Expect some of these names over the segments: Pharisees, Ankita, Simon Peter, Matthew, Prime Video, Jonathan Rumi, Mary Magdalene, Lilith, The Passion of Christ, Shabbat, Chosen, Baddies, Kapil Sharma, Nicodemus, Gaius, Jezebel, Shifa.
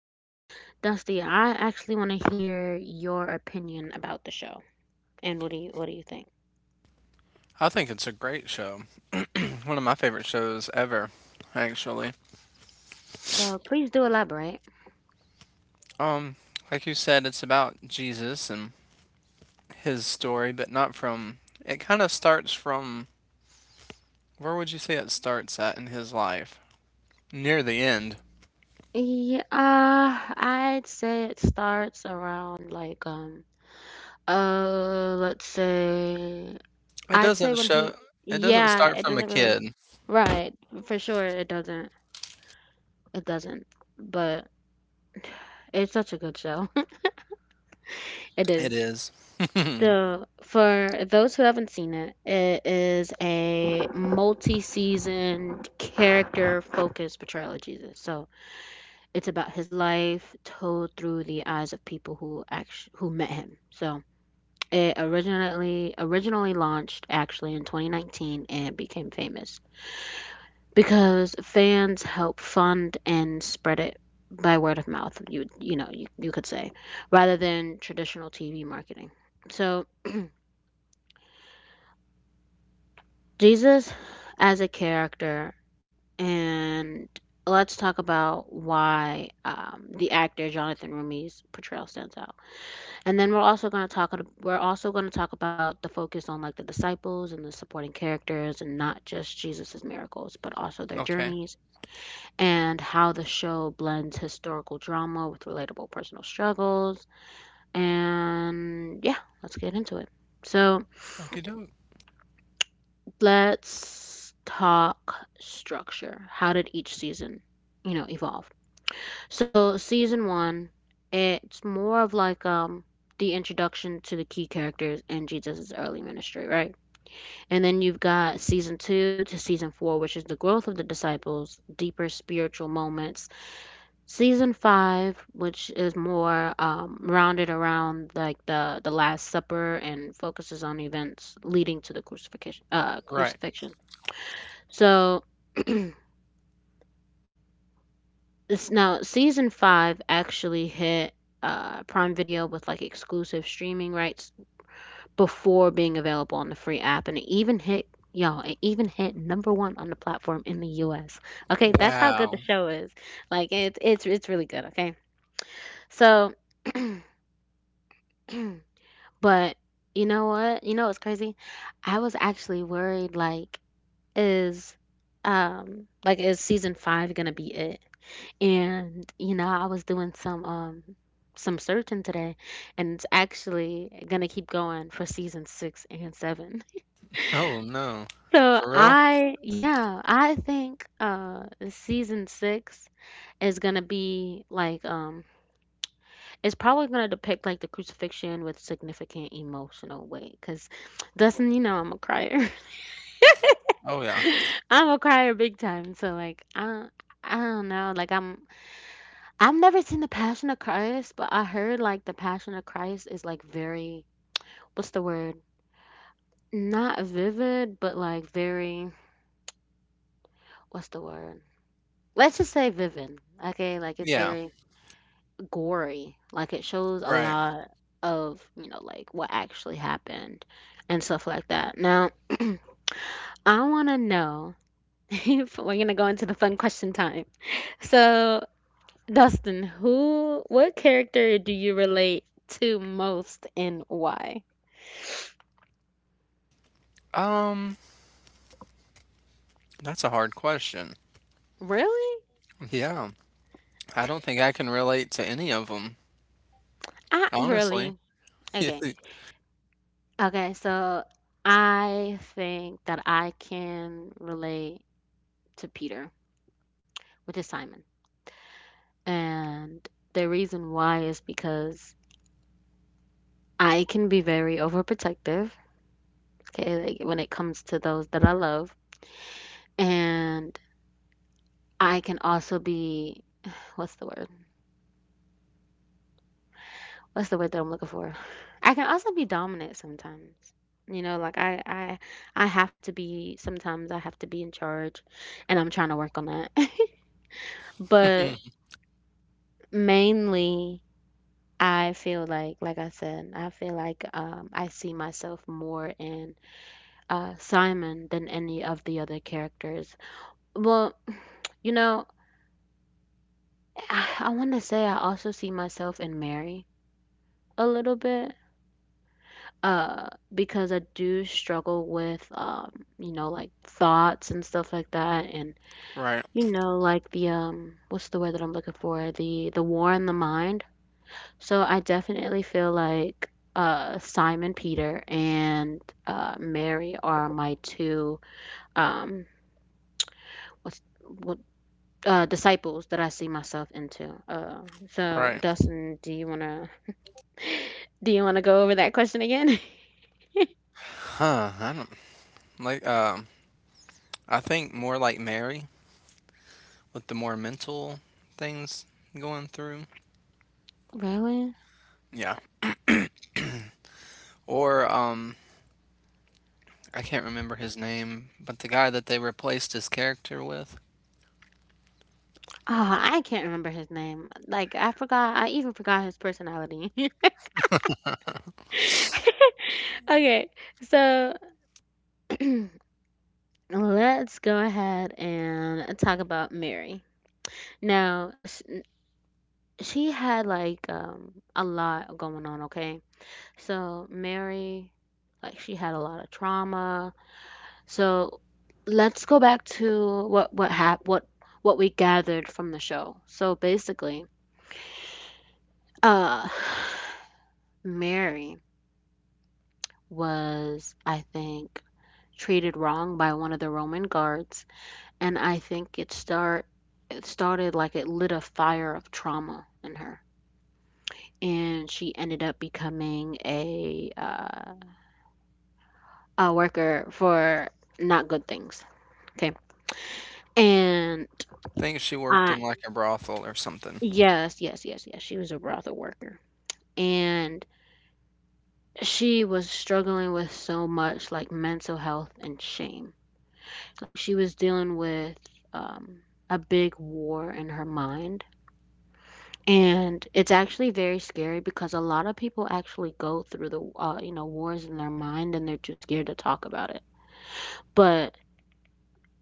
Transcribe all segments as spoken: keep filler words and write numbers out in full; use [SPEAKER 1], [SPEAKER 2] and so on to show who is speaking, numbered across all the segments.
[SPEAKER 1] So, Dusty, I actually want to hear your opinion about the show. And what do you what do you think?
[SPEAKER 2] I think it's a great show. One of my favorite shows ever, actually.
[SPEAKER 1] So, please do elaborate.
[SPEAKER 2] Um, like you said, it's about Jesus and his story, but not from. It kind of starts from. Where would you say it starts at in his life? Near the end.
[SPEAKER 1] Yeah, uh, I'd say it starts around like um uh let's say
[SPEAKER 2] It
[SPEAKER 1] I'd say
[SPEAKER 2] doesn't
[SPEAKER 1] when
[SPEAKER 2] show.
[SPEAKER 1] he
[SPEAKER 2] It doesn't
[SPEAKER 1] yeah,
[SPEAKER 2] start
[SPEAKER 1] it
[SPEAKER 2] from a
[SPEAKER 1] doesn't really.
[SPEAKER 2] kid.
[SPEAKER 1] Right, for sure it doesn't. It doesn't. But it's such a good show. It
[SPEAKER 2] It
[SPEAKER 1] is.
[SPEAKER 2] is.
[SPEAKER 1] So, for those who haven't seen it, it is a multi-seasoned character-focused portrayal of Jesus. So, it's about his life told through the eyes of people who actually who met him. So, it originally originally launched actually in twenty nineteen and became famous because fans help fund and spread it by word of mouth. You you know you, you could say, rather than traditional T V marketing. So Jesus as a character, and let's talk about why um, the actor Jonathan Rumi's portrayal stands out. And then we're also going to talk we're also going to talk about the focus on like the disciples and the supporting characters and not just Jesus's miracles, but also their
[SPEAKER 2] Okay.
[SPEAKER 1] journeys and how the show blends historical drama with relatable personal struggles. And yeah, let's get into it. So,
[SPEAKER 2] Okie doke.
[SPEAKER 1] let's talk structure. How did each season, you know, evolve? So season one, it's more of like um the introduction to the key characters in Jesus' early ministry, right? And then you've got season two to season four, which is the growth of the disciples, deeper spiritual moments. Season five, which is more um, rounded around like the the Last Supper and focuses on events leading to the crucifixion, uh,
[SPEAKER 2] Right.
[SPEAKER 1] crucifixion. So it's now season five actually hit uh, Prime Video with like exclusive streaming rights before being available on the free app, and it even hit y'all. It even hit number one on the platform in the U S. Okay, that's how good
[SPEAKER 2] Wow.
[SPEAKER 1] the show is. Like it's it's it's really good. Okay, so but you know what? You know what's crazy? I was actually worried. Like is um like is season five gonna be it? And you know, I was doing some um some searching today, and it's actually gonna keep going for season six and seven.
[SPEAKER 2] Oh no.
[SPEAKER 1] So
[SPEAKER 2] For real?
[SPEAKER 1] I, yeah, I think uh season six is gonna be like um it's probably gonna depict like the crucifixion with significant emotional weight, cause Dustin, you know I'm a crier.
[SPEAKER 2] Oh yeah.
[SPEAKER 1] I'm a crier big time. So like I I don't know, like I'm I've never seen The Passion of Christ, but I heard like The Passion of Christ is like very, what's the word? Not vivid, but like very, what's the word? Let's just say vivid. Okay, like it's
[SPEAKER 2] Yeah.
[SPEAKER 1] very gory. Like it shows a
[SPEAKER 2] Right.
[SPEAKER 1] lot of, you know, like what actually happened and stuff like that. Now, I want to know if we're going to go into the fun question time. So, Dustin, who, what character do you relate to most and why?
[SPEAKER 2] Um, that's a hard question.
[SPEAKER 1] Really?
[SPEAKER 2] Yeah, I don't think I can relate to any of them,
[SPEAKER 1] I
[SPEAKER 2] honestly.
[SPEAKER 1] really. Okay. Okay, so I think that I can relate to Peter, which is Simon. And the reason why is because I can be very overprotective, okay, like when it comes to those that I love. And I can also be, what's the word? What's the word that I'm looking for? I can also be dominant sometimes. You know, like I I I have to be, sometimes I have to be in charge, and I'm trying to work on that.
[SPEAKER 2] Yeah.
[SPEAKER 1] But mainly I feel like like I said, I feel like um I see myself more in uh Simon than any of the other characters. Well, you know, I, I want to say I also see myself in Mary a little bit uh because I do struggle with um you know, like thoughts and stuff like that, and
[SPEAKER 2] Right,
[SPEAKER 1] you know, like the um what's the word that I'm looking for, the the war in the mind. So I definitely feel like uh Simon Peter and uh Mary are my two um what's what uh disciples that I see myself into. Uh so,
[SPEAKER 2] right.
[SPEAKER 1] Dustin, do you want to, do you want to go over that question again?
[SPEAKER 2] Huh, I don't like um I think more like Mary, with the more mental things going through.
[SPEAKER 1] Really?
[SPEAKER 2] Yeah. Or um I can't remember his name, but the guy that they replaced his character with.
[SPEAKER 1] Oh, I can't remember his name. Like I forgot. I even forgot his personality. Okay, so let's go ahead and talk about Mary. Now, sh- she had like um a lot going on. Okay, so Mary, like she had a lot of trauma. So let's go back to what what hap- what what we gathered from the show. So basically, uh, Mary was, I think, treated wrong by one of the Roman guards, and I think it start it started, like it lit a fire of trauma in her. And she ended up becoming a uh, a worker for not good things. Okay. And
[SPEAKER 2] I think she worked
[SPEAKER 1] I
[SPEAKER 2] in like a brothel or something.
[SPEAKER 1] yes, yes, yes, yes. She was a brothel worker. And she was struggling with so much like mental health and shame. Like she was dealing with um, a big war in her mind. And it's actually very scary because a lot of people actually go through the uh, you know, wars in their mind, and they're too scared to talk about it. But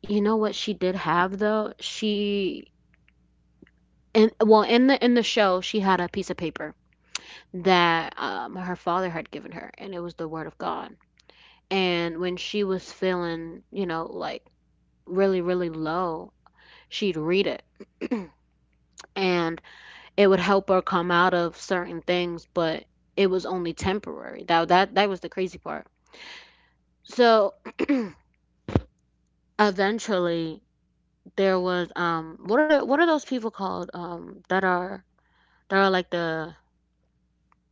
[SPEAKER 1] you know what she did have though? She And well, in the in the show she had a piece of paper that um, her father had given her, and it was the word of God. And when she was feeling, you know, like really really low, she'd read it. And it would help her come out of certain things, but it was only temporary. That that that was the crazy part. So eventually there was um what are the, what are those people called um that are that are like the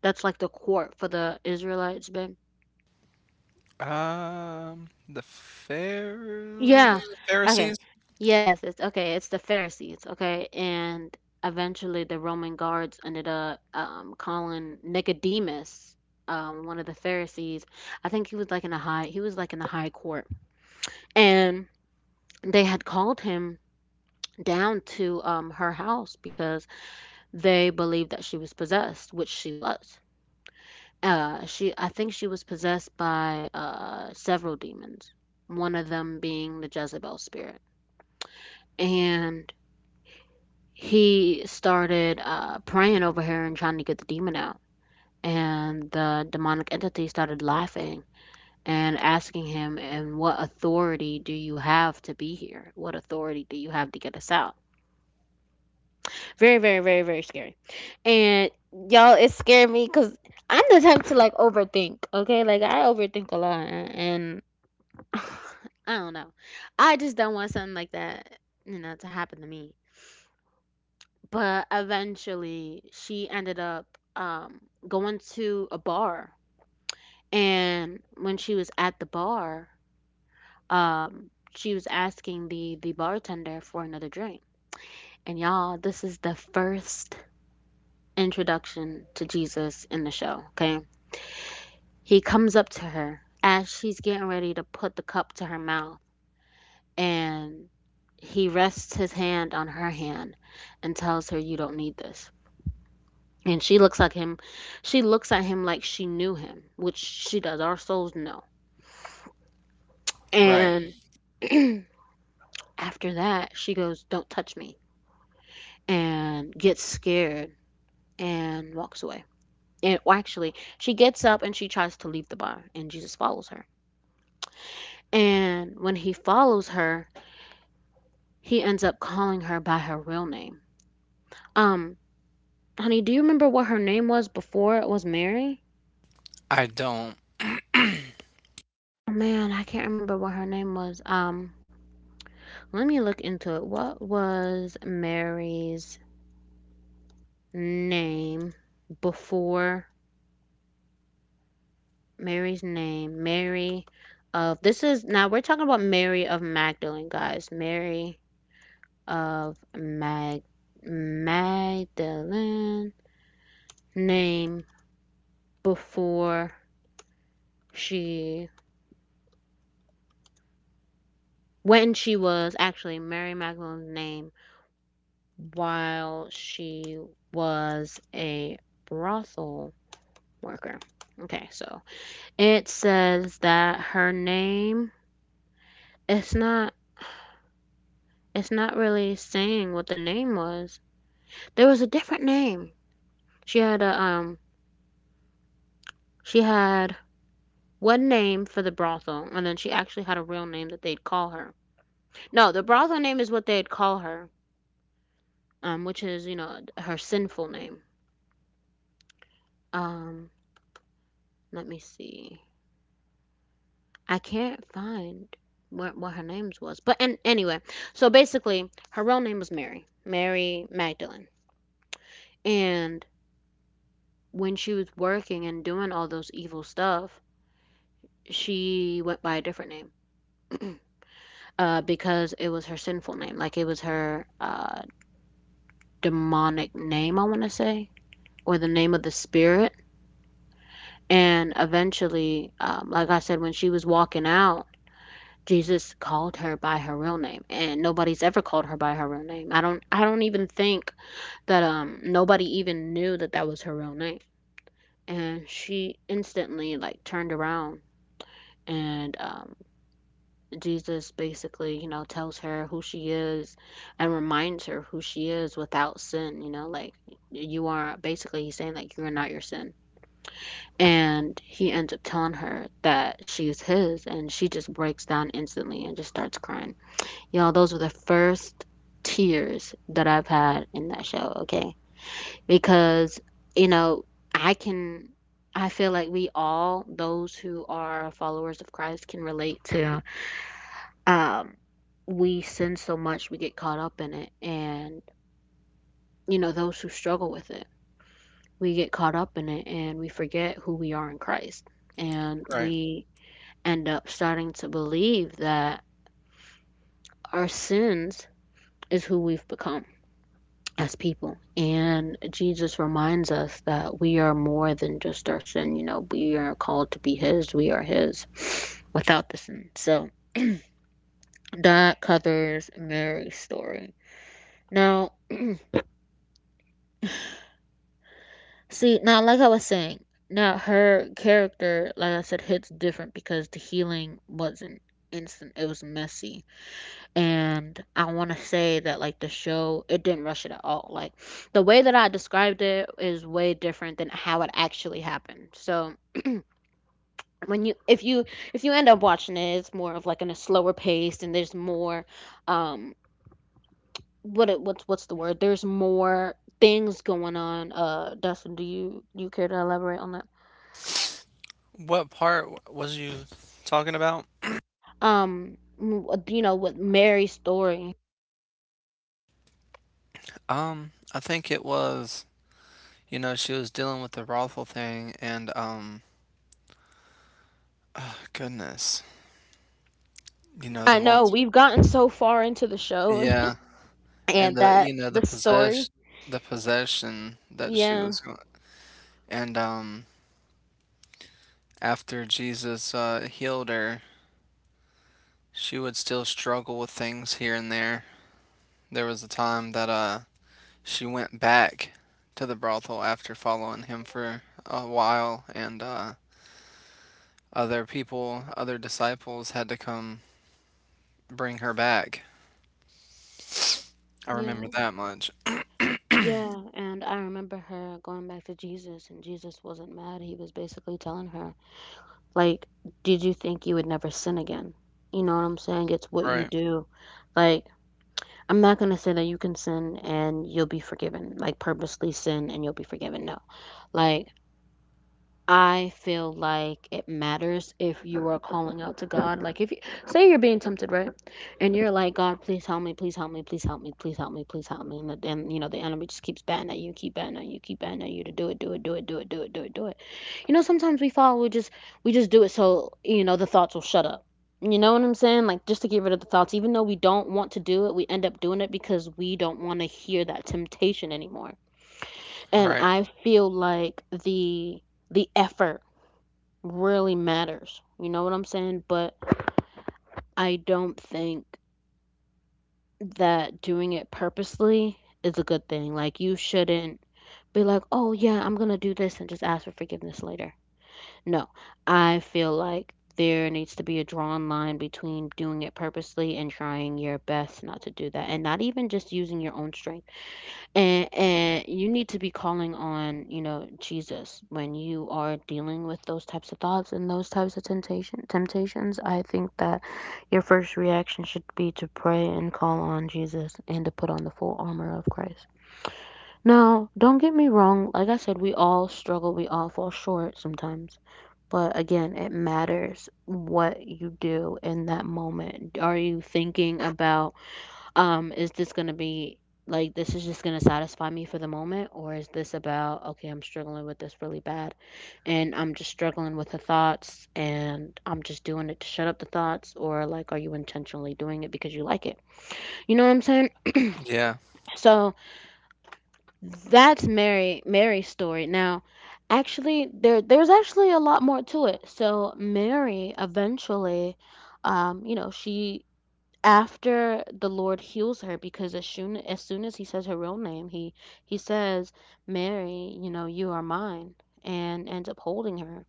[SPEAKER 1] that's like the court for the Israelites, Ben?
[SPEAKER 2] Um the Phar
[SPEAKER 1] Yeah. Okay.
[SPEAKER 2] Pharisees?
[SPEAKER 1] Yes, it's okay. It's the Pharisees, okay? And eventually the Roman guards ended up um calling Nicodemus, um one of the Pharisees. I think he was like in a high he was like in the high court. And they had called him down to um, her house because they believed that she was possessed, which she was. Uh, she, I think she was possessed by uh, several demons, one of them being the Jezebel spirit. And he started uh, praying over her and trying to get the demon out. And the demonic entity started laughing and asking him, "And what authority do you have to be here? What authority do you have to get us out?" Very, very, very, very scary. And y'all, it scared me because I'm the type to like overthink. Okay, like I overthink a lot, and I don't know. I just don't want something like that, you know, to happen to me. But eventually, she ended up um, going to a bar, and when she was at the bar, um, she was asking the the bartender for another drink. And y'all, this is the first introduction to Jesus in the show, okay? He comes up to her as she's getting ready to put the cup to her mouth, and he rests his hand on her hand and tells her, "You don't need this." And she looks like him she looks at him like she knew him, which she does. Our souls know.
[SPEAKER 2] Right.
[SPEAKER 1] And after that, she goes, "Don't touch me." And gets scared and walks away. And well, actually, she gets up and she tries to leave the bar and Jesus follows her. And when he follows her, he ends up calling her by her real name. Um, honey, do you remember what her name was before it was Mary?
[SPEAKER 2] I don't.
[SPEAKER 1] Oh, man, I can't remember what her name was. Um, let me look into it. What was Mary's name before, Mary's name? Mary of This is now we're talking about Mary of Magdalene, guys. Mary of Mag Magdalene name before. She When she was actually Mary Magdalene's name while she was a brothel worker. Okay, so it says that her name, it's not it's not really saying what the name was. There was a different name. She had a um she had one name for the brothel, and then she actually had a real name that they'd call her. No, the brothel name is what they'd call her, um, which is, you know, her sinful name. Um, let me see. I can't find what what her name's was. But and anyway, so basically, her real name was Mary, Mary Magdalene. And when she was working and doing all those evil stuff, she went by a different name. Uh, because it was her sinful name. Like it was her uh, demonic name, I want to say, or the name of the spirit. And eventually, um, like I said, when she was walking out, Jesus called her by her real name, and nobody's ever called her by her real name. I don't I don't even think that um nobody even knew that that was her real name. And she instantly like turned around and um Jesus basically, you know, tells her who she is and reminds her who she is without sin. You know, like, you are basically, he's saying like, you're not your sin. And he ends up telling her that she's his, and she just breaks down instantly and just starts crying. You know, those were the first tears that I've had in that show. Okay, because, you know, I can, I feel like we all, those who are followers of Christ, can relate to, um we sin so much, we get caught up in it, and, you know, those who struggle with it, we get caught up in it and we forget who we are in Christ. And
[SPEAKER 2] Right.
[SPEAKER 1] we end up starting to believe that our sins is who we've become as people. And Jesus reminds us that we are more than just our sin. You know, we are called to be His, we are His without the sin. So that covers Mary's story. Now, see, now, like I was saying, now her character, like I said, hits different because the healing wasn't instant, it was messy. And I want to say that, like, the show, it didn't rush it at all. Like, the way that I described it is way different than how it actually happened. So when you, if you, if you end up watching it, it's more of like in a slower pace and there's more, um what it, what's what's the word? There's more things going on. Uh, Dustin, do you you care to elaborate on that?
[SPEAKER 2] What part was you talking about?
[SPEAKER 1] Um m- you know, with Mary's story.
[SPEAKER 2] Um, I think it was, you know, she was dealing with the brothel thing and um oh, goodness. You know, the
[SPEAKER 1] I know
[SPEAKER 2] multi
[SPEAKER 1] we've gotten so far into the show
[SPEAKER 2] Yeah, and
[SPEAKER 1] and
[SPEAKER 2] the,
[SPEAKER 1] that
[SPEAKER 2] you know, the
[SPEAKER 1] the story.
[SPEAKER 2] possess the possession that she
[SPEAKER 1] Yeah.
[SPEAKER 2] was going, and um after Jesus uh healed her, she would still struggle with things here and there. There was a time that uh she went back to the brothel after following him for a while, and uh other people, other disciples had to come bring her back. I remember
[SPEAKER 1] Yeah,
[SPEAKER 2] that much.
[SPEAKER 1] yeah, and I remember her going back to Jesus, and Jesus wasn't mad. He was basically telling her, like, did you think you would never sin again? You know what I'm saying? It's what you
[SPEAKER 2] Right,
[SPEAKER 1] do. Like, I'm not gonna say that you can sin and you'll be forgiven, like purposely sin and you'll be forgiven. No. Like, I feel like it matters if you are calling out to God. Like, if you say you're being tempted, right? And you're like, God, please help me, please help me, please help me, please help me, please help me. And the- and you know, the enemy just keeps batting at you, keep batting at you, keep batting at you to do it, do it, do it, do it, do it, do it, do it. You know, sometimes we fall, we just we just do it so, you know, the thoughts will shut up. You know what I'm saying? Like, just to get rid of the thoughts, even though we don't want to do it, we end up doing it because we don't want to hear that temptation anymore. And
[SPEAKER 2] right.
[SPEAKER 1] I feel like the the effort really matters. You know what I'm saying? But I don't think that doing it purposely is a good thing. Like, you shouldn't be like, oh, yeah, I'm going to do this and just ask for forgiveness later. No, I feel like there needs to be a drawn line between doing it purposely and trying your best not to do that. And not even just using your own strength. And and you need to be calling on, you know, Jesus when you are dealing with those types of thoughts and those types of temptation temptations. I think that your first reaction should be to pray and call on Jesus and to put on the full armor of Christ. Now, don't get me wrong, like I said, we all struggle, we all fall short sometimes. But again, it matters what you do in that moment. Are you thinking about, um, is this going to be, like, this is just going to satisfy me for the moment, or is this about, okay, I'm struggling with this really bad and I'm just struggling with the thoughts and I'm just doing it to shut up the thoughts? Or, like, are you intentionally doing it because you like it? You know what I'm saying?
[SPEAKER 2] Yeah,
[SPEAKER 1] So that's Mary Mary's story. Now, actually there there's actually a lot more to it. So Mary eventually, um, you know, she, after the Lord heals her, because as soon as soon as he says her real name, he he says, "Mary, you know, you are mine," and ends up holding her.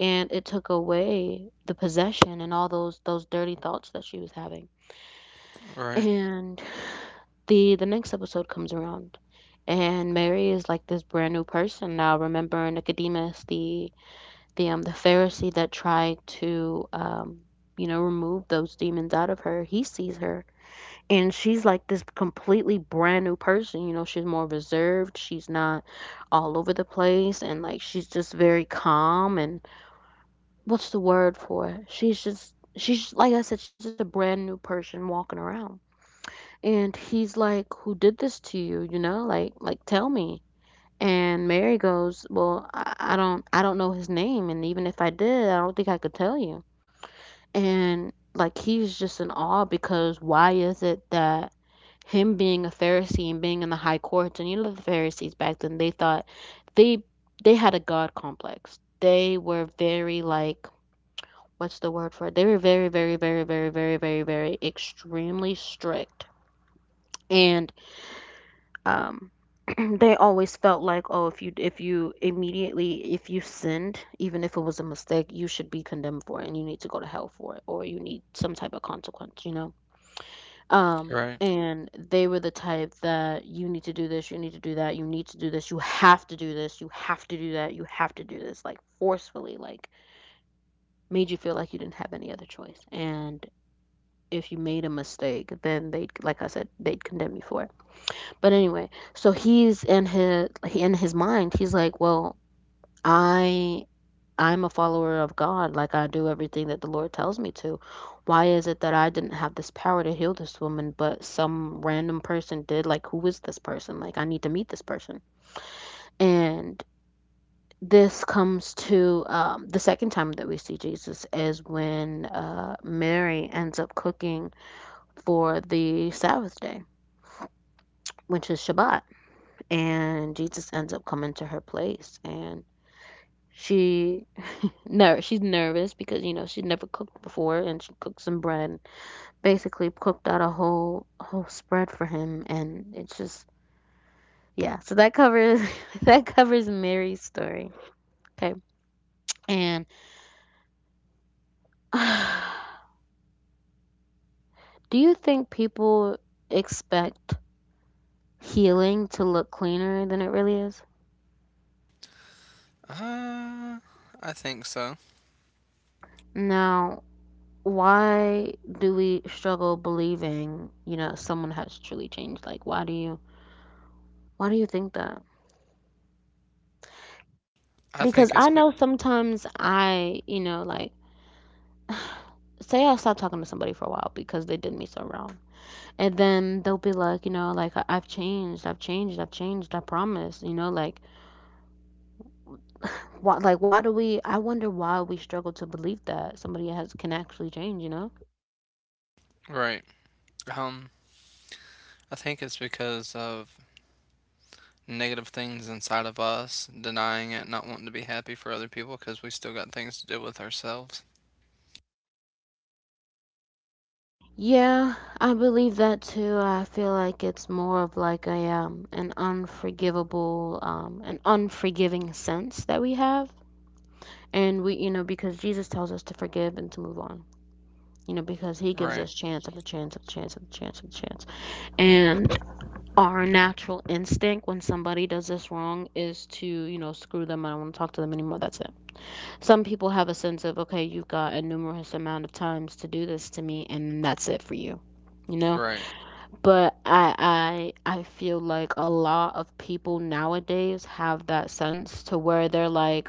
[SPEAKER 1] And it took away the possession and all those those dirty thoughts that she was having.
[SPEAKER 2] right,
[SPEAKER 1] And the the next episode comes around, and Mary is like this brand new person now. Remember Nicodemus, the the um the Pharisee that tried to, um you know, remove those demons out of her? He sees her, and she's like this completely brand new person. You know, she's more reserved, she's not all over the place, and like, she's just very calm. And what's the word for it? She's just, she's like I said, she's just a brand new person walking around. And he's like, who did this to you? You know, like like tell me. And Mary goes, well i, I don't, i don't know his name, and even if I did, I don't think I could tell you. And like, he's just in awe, because why is it that him being a Pharisee and being in the high courts, and you know, the Pharisees back then, they thought they they had a God complex. They were very, like, what's the word for it? They were very, very, very, very, very, very, very extremely strict. And um they always felt like, oh, if you if you immediately if you sinned, even if it was a mistake, you should be condemned for it and you need to go to hell for it or you need some type of consequence, you know? Um,
[SPEAKER 2] right.
[SPEAKER 1] and they were the type that you need to do this, you need to do that, you need to do this, you have to do this, you have to do that, you have to do this, like, forcefully, like, made you feel like you didn't have any other choice. And if you made a mistake, then they'd, like I said, they'd condemn you for it. But anyway, so he's in his, in his mind, he's like, well, I I'm a follower of God, like I do everything that the Lord tells me to. Why is it that I didn't have this power to heal this woman, but some random person did? Like, who is this person? Like, I need to meet this person. And this comes to, um, the second time that we see Jesus is when, uh, Mary ends up cooking for the Sabbath day, which is Shabbat. And Jesus ends up coming to her place, and she, no, she's nervous because, you know, she's never cooked before, and she cooked some bread. Basically, cooked out a whole whole spread for him, and it's just, yeah. So that covers that covers Mary's story. Okay, and do you think people expect healing to look cleaner than it really is?
[SPEAKER 2] Uh, I think so.
[SPEAKER 1] Now, why do we struggle believing, you know, someone has truly changed? Like, why do you why do you think that?
[SPEAKER 2] I think
[SPEAKER 1] Because
[SPEAKER 2] it's
[SPEAKER 1] I know
[SPEAKER 2] be-
[SPEAKER 1] sometimes I, you know, like, say I stop talking to somebody for a while because they did me so wrong. And then they'll be like, you know, like, "I- I've changed, I've changed, I've changed, I promise," you know, like, why like why do we, I wonder why we struggle to believe that somebody has can actually change, you know?
[SPEAKER 2] Right. Um, I think it's because of negative things inside of us, denying it, not wanting to be happy for other people because we still got things to do with ourselves.
[SPEAKER 1] Yeah, I believe that too. I feel like it's more of like a, um an unforgivable, um an unforgiving sense that we have. And we, you know, because Jesus tells us to forgive and to move on. You know, because he gives
[SPEAKER 2] Right,
[SPEAKER 1] us chance after chance after chance after chance after chance. And our natural instinct when somebody does this wrong is to, you know, screw them. I don't want to talk to them anymore. That's it. Some people have a sense of, okay, you've got a numerous amount of times to do this to me, and that's it for you. You know,
[SPEAKER 2] right,
[SPEAKER 1] but I I I feel like a lot of people nowadays have that sense to where they're like,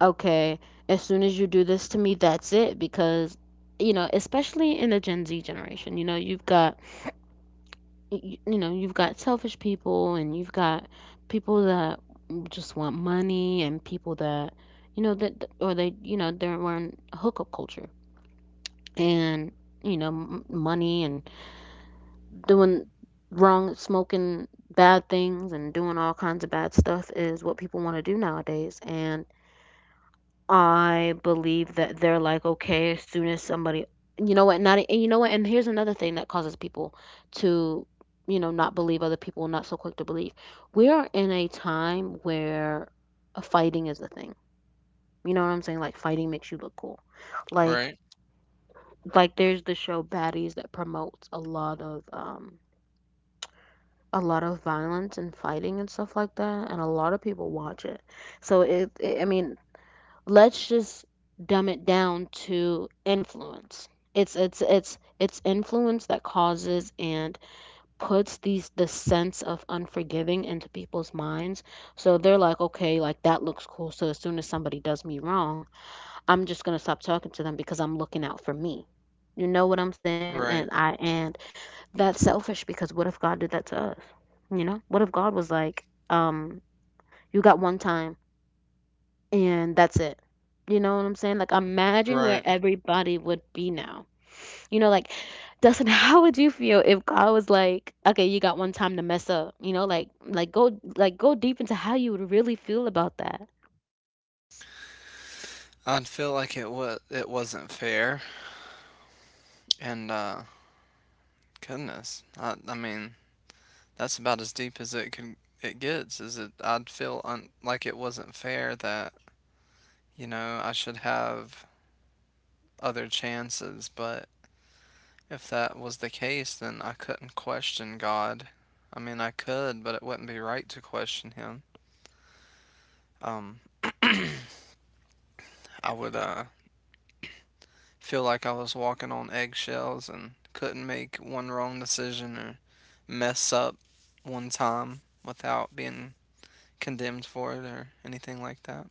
[SPEAKER 1] okay, as soon as you do this to me, that's it. Because, you know, especially in the Gen Z generation, you know, you've got, y- you know, you've got selfish people and you've got people that just want money and people that, you know, that, or they, you know, they're wearing hookup culture and, you know, m- money and doing wrong, smoking bad things and doing all kinds of bad stuff is what people want to do nowadays. And, I believe that they're like, okay, as soon as somebody, you know what, not, and you know what, and here's another thing that causes people to, you know, not believe other people, not so quick to believe. We are in a time where a fighting is the thing. You know what I'm saying? Like fighting makes you look cool. Like,
[SPEAKER 2] right,
[SPEAKER 1] like there's the show Baddies that promotes a lot of, um, a lot of violence and fighting and stuff like that, and a lot of people watch it. So it, it I mean, let's just dumb it down to influence. It's it's it's it's influence that causes and puts these the sense of unforgiving into people's minds. So they're like, okay, like that looks cool. So as soon as somebody does me wrong, I'm just gonna stop talking to them because I'm looking out for me. You know what I'm saying?
[SPEAKER 2] right,
[SPEAKER 1] And I and that's selfish because what if God did that to us? You know? What if God was like, um, you got one time and that's it. You know what I'm saying? Like, imagine where
[SPEAKER 2] right.
[SPEAKER 1] everybody would be now. You know, like, Dustin, how would you feel if God was like, okay, you got one time to mess up? You know, like, like go, like go deep into how you would really feel about that.
[SPEAKER 2] I'd feel like it was it wasn't fair, and uh, goodness, I I mean, that's about as deep as it can it gets. Is it? I'd feel un, like it wasn't fair that, you know, I should have other chances. But if that was the case, then I couldn't question God. I mean, I could, but it wouldn't be right to question him. um I would uh feel like I was walking on eggshells and couldn't make one wrong decision or mess up one time without being condemned for it or anything like that.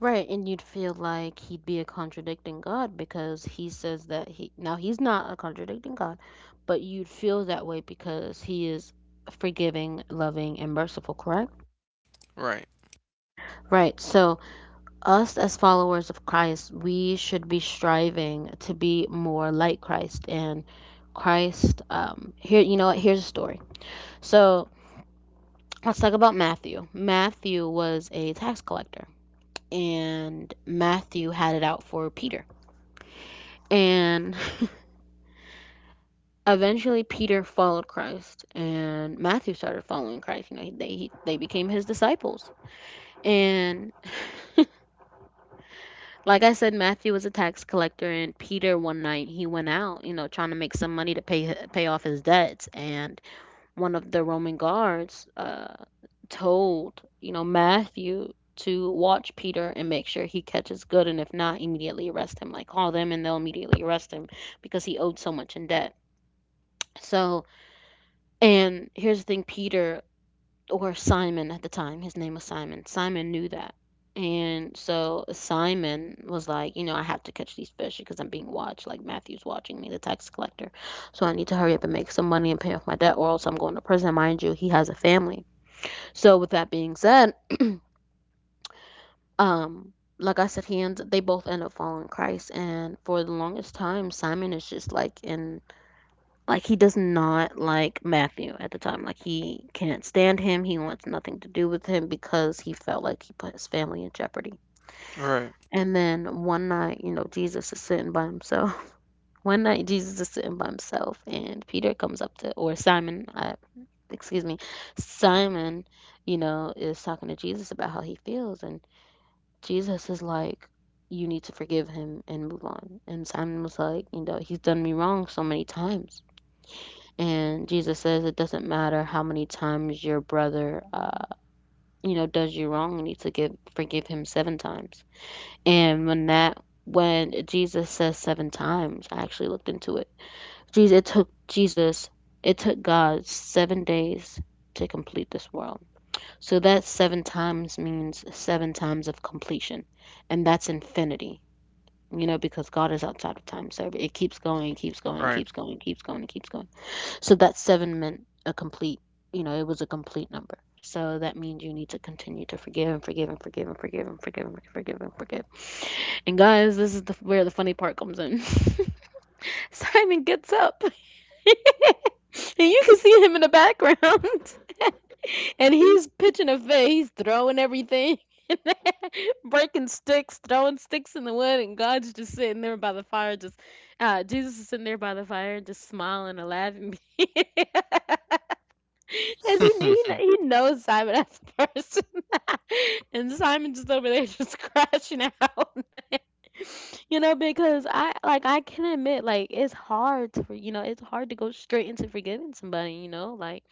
[SPEAKER 1] Right, and you'd feel like he'd be a contradicting God because he says that he now he's not a contradicting God, but you'd feel that way because he is forgiving, loving, and merciful, correct?
[SPEAKER 2] Right.
[SPEAKER 1] Right. So, us as followers of Christ, we should be striving to be more like Christ. And Christ, um, here, you know what? Here's a story. So, let's talk about Matthew. Matthew was a tax collector, and Matthew had it out for Peter. And eventually Peter followed Christ and Matthew started following Christ. You know, they he, they became his disciples. And like I said, Matthew was a tax collector, and Peter one night he went out, you know, trying to make some money to pay pay off his debts. And one of the Roman guards uh, told you know Matthew to watch Peter and make sure he catches good, and if not, immediately arrest him. Like call them, and they'll immediately arrest him because he owed so much in debt. So, and here's the thing Peter or Simon at the time. His name was Simon. Simon knew that. And so Simon was like, you know, I have to catch these fish because I'm being watched. Like Matthew's watching me, the tax collector. So I need to hurry up and make some money and pay off my debt, or else I'm going to prison. Mind you, he has a family. So with that being said, um, like I said, he ends. They both end up following Christ, and for the longest time, Simon is just like in like he does not like Matthew at the time. Like he can't stand him. He wants nothing to do with him because he felt like he put his family in jeopardy.
[SPEAKER 2] Right.
[SPEAKER 1] And then one night, you know, Jesus is sitting by himself. One night Jesus is sitting by himself and Peter comes up to or Simon, uh, excuse me, Simon, you know, is talking to Jesus about how he feels and Jesus is like you need to forgive him and move on. And Simon was like, you know, he's done me wrong so many times and Jesus says it doesn't matter how many times your brother, uh, you know, does you wrong. You need to give forgive him seven times. And when that when Jesus says seven times, I actually looked into it. Jesus, it took Jesus, it took God seven days to complete this world. So that seven times means seven times of completion, and that's infinity. You know, because God is outside of time, so it keeps going, keeps going,
[SPEAKER 2] Right.
[SPEAKER 1] keeps going, keeps going, keeps going so that seven meant a complete, you know, it was a complete number. So that means you need to continue to forgive and forgive and forgive and forgive and forgive and forgive and forgive. And guys, this is the where the funny part comes in. Simon gets up, and you can see him in the background, and he's pitching a fit. He's throwing everything. breaking sticks, throwing sticks in the wood, and God's just sitting there by the fire, just uh, Jesus is sitting there by the fire, just smiling and laughing. As he, he kn- he knows Simon as a person, and Simon's just over there just crashing out. you know, because I like I can admit like it's hard to for- you know it's hard to go straight into forgiving somebody. You know, like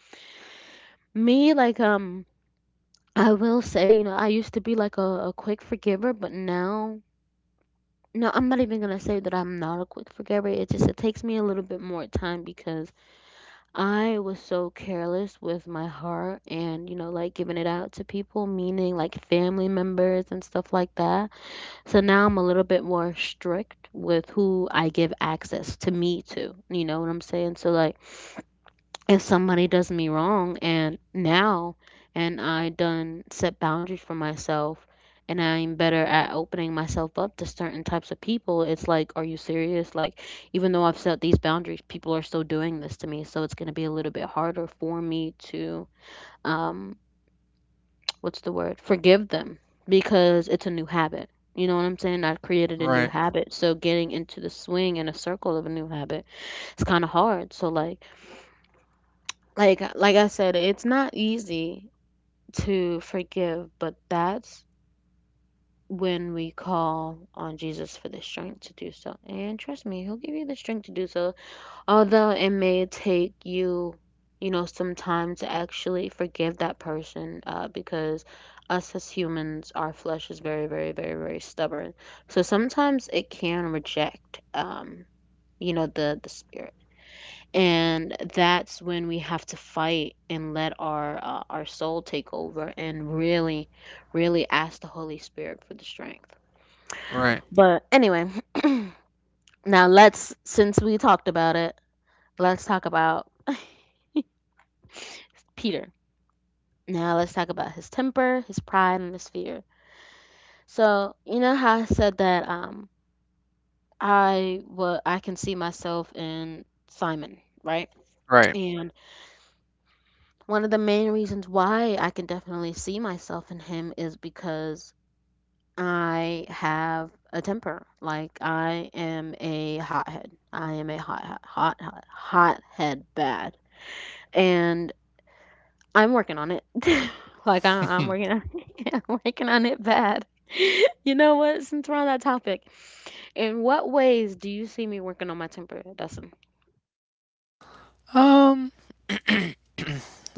[SPEAKER 1] me, like um I will say you know I used to be like a, a quick forgiver, but now. No, I'm not even gonna say that I'm not a quick forgiver. It just it takes me a little bit more time because I was so careless with my heart and, you know, like giving it out to people, meaning like family members and stuff like that. So now I'm a little bit more strict with who I give access to me to. You know what I'm saying? So, like, if somebody does me wrong and now and I done set boundaries for myself and I'm better at opening myself up to certain types of people it's like are you serious like even though I've set these boundaries people are still doing this to me so it's going to be a little bit harder for me to um what's the word forgive them because it's a new habit you know what I'm saying I've created a new
[SPEAKER 2] Right,
[SPEAKER 1] habit so getting into the swing and a circle of a new habit it's kind of hard so like like like I said, it's not easy to forgive, but that's when we call on Jesus for the strength to do so. And trust me, he'll give you the strength to do so. Although it may take you, you know, some time to actually forgive that person, uh, because us as humans, our flesh is very, very, very, very stubborn. So sometimes it can reject um, you know, the the spirit and that's when we have to fight and let our uh, our soul take over and really really ask the Holy Spirit for the strength
[SPEAKER 2] right,
[SPEAKER 1] but anyway now let's since we talked about it let's talk about Peter now let's talk about his temper his pride and his fear so you know how I said that um i wa I can see myself in Simon right
[SPEAKER 2] right.
[SPEAKER 1] and one of the main reasons why I can definitely see myself in him is because I have a temper. Like I am a hothead. I am a hot hot hot hot hothead bad. And I'm working on it. like I, I'm working on I'm working on it bad. you know what? Since we're on that topic, in what ways do you see me working on my temper, Dustin?
[SPEAKER 2] Um,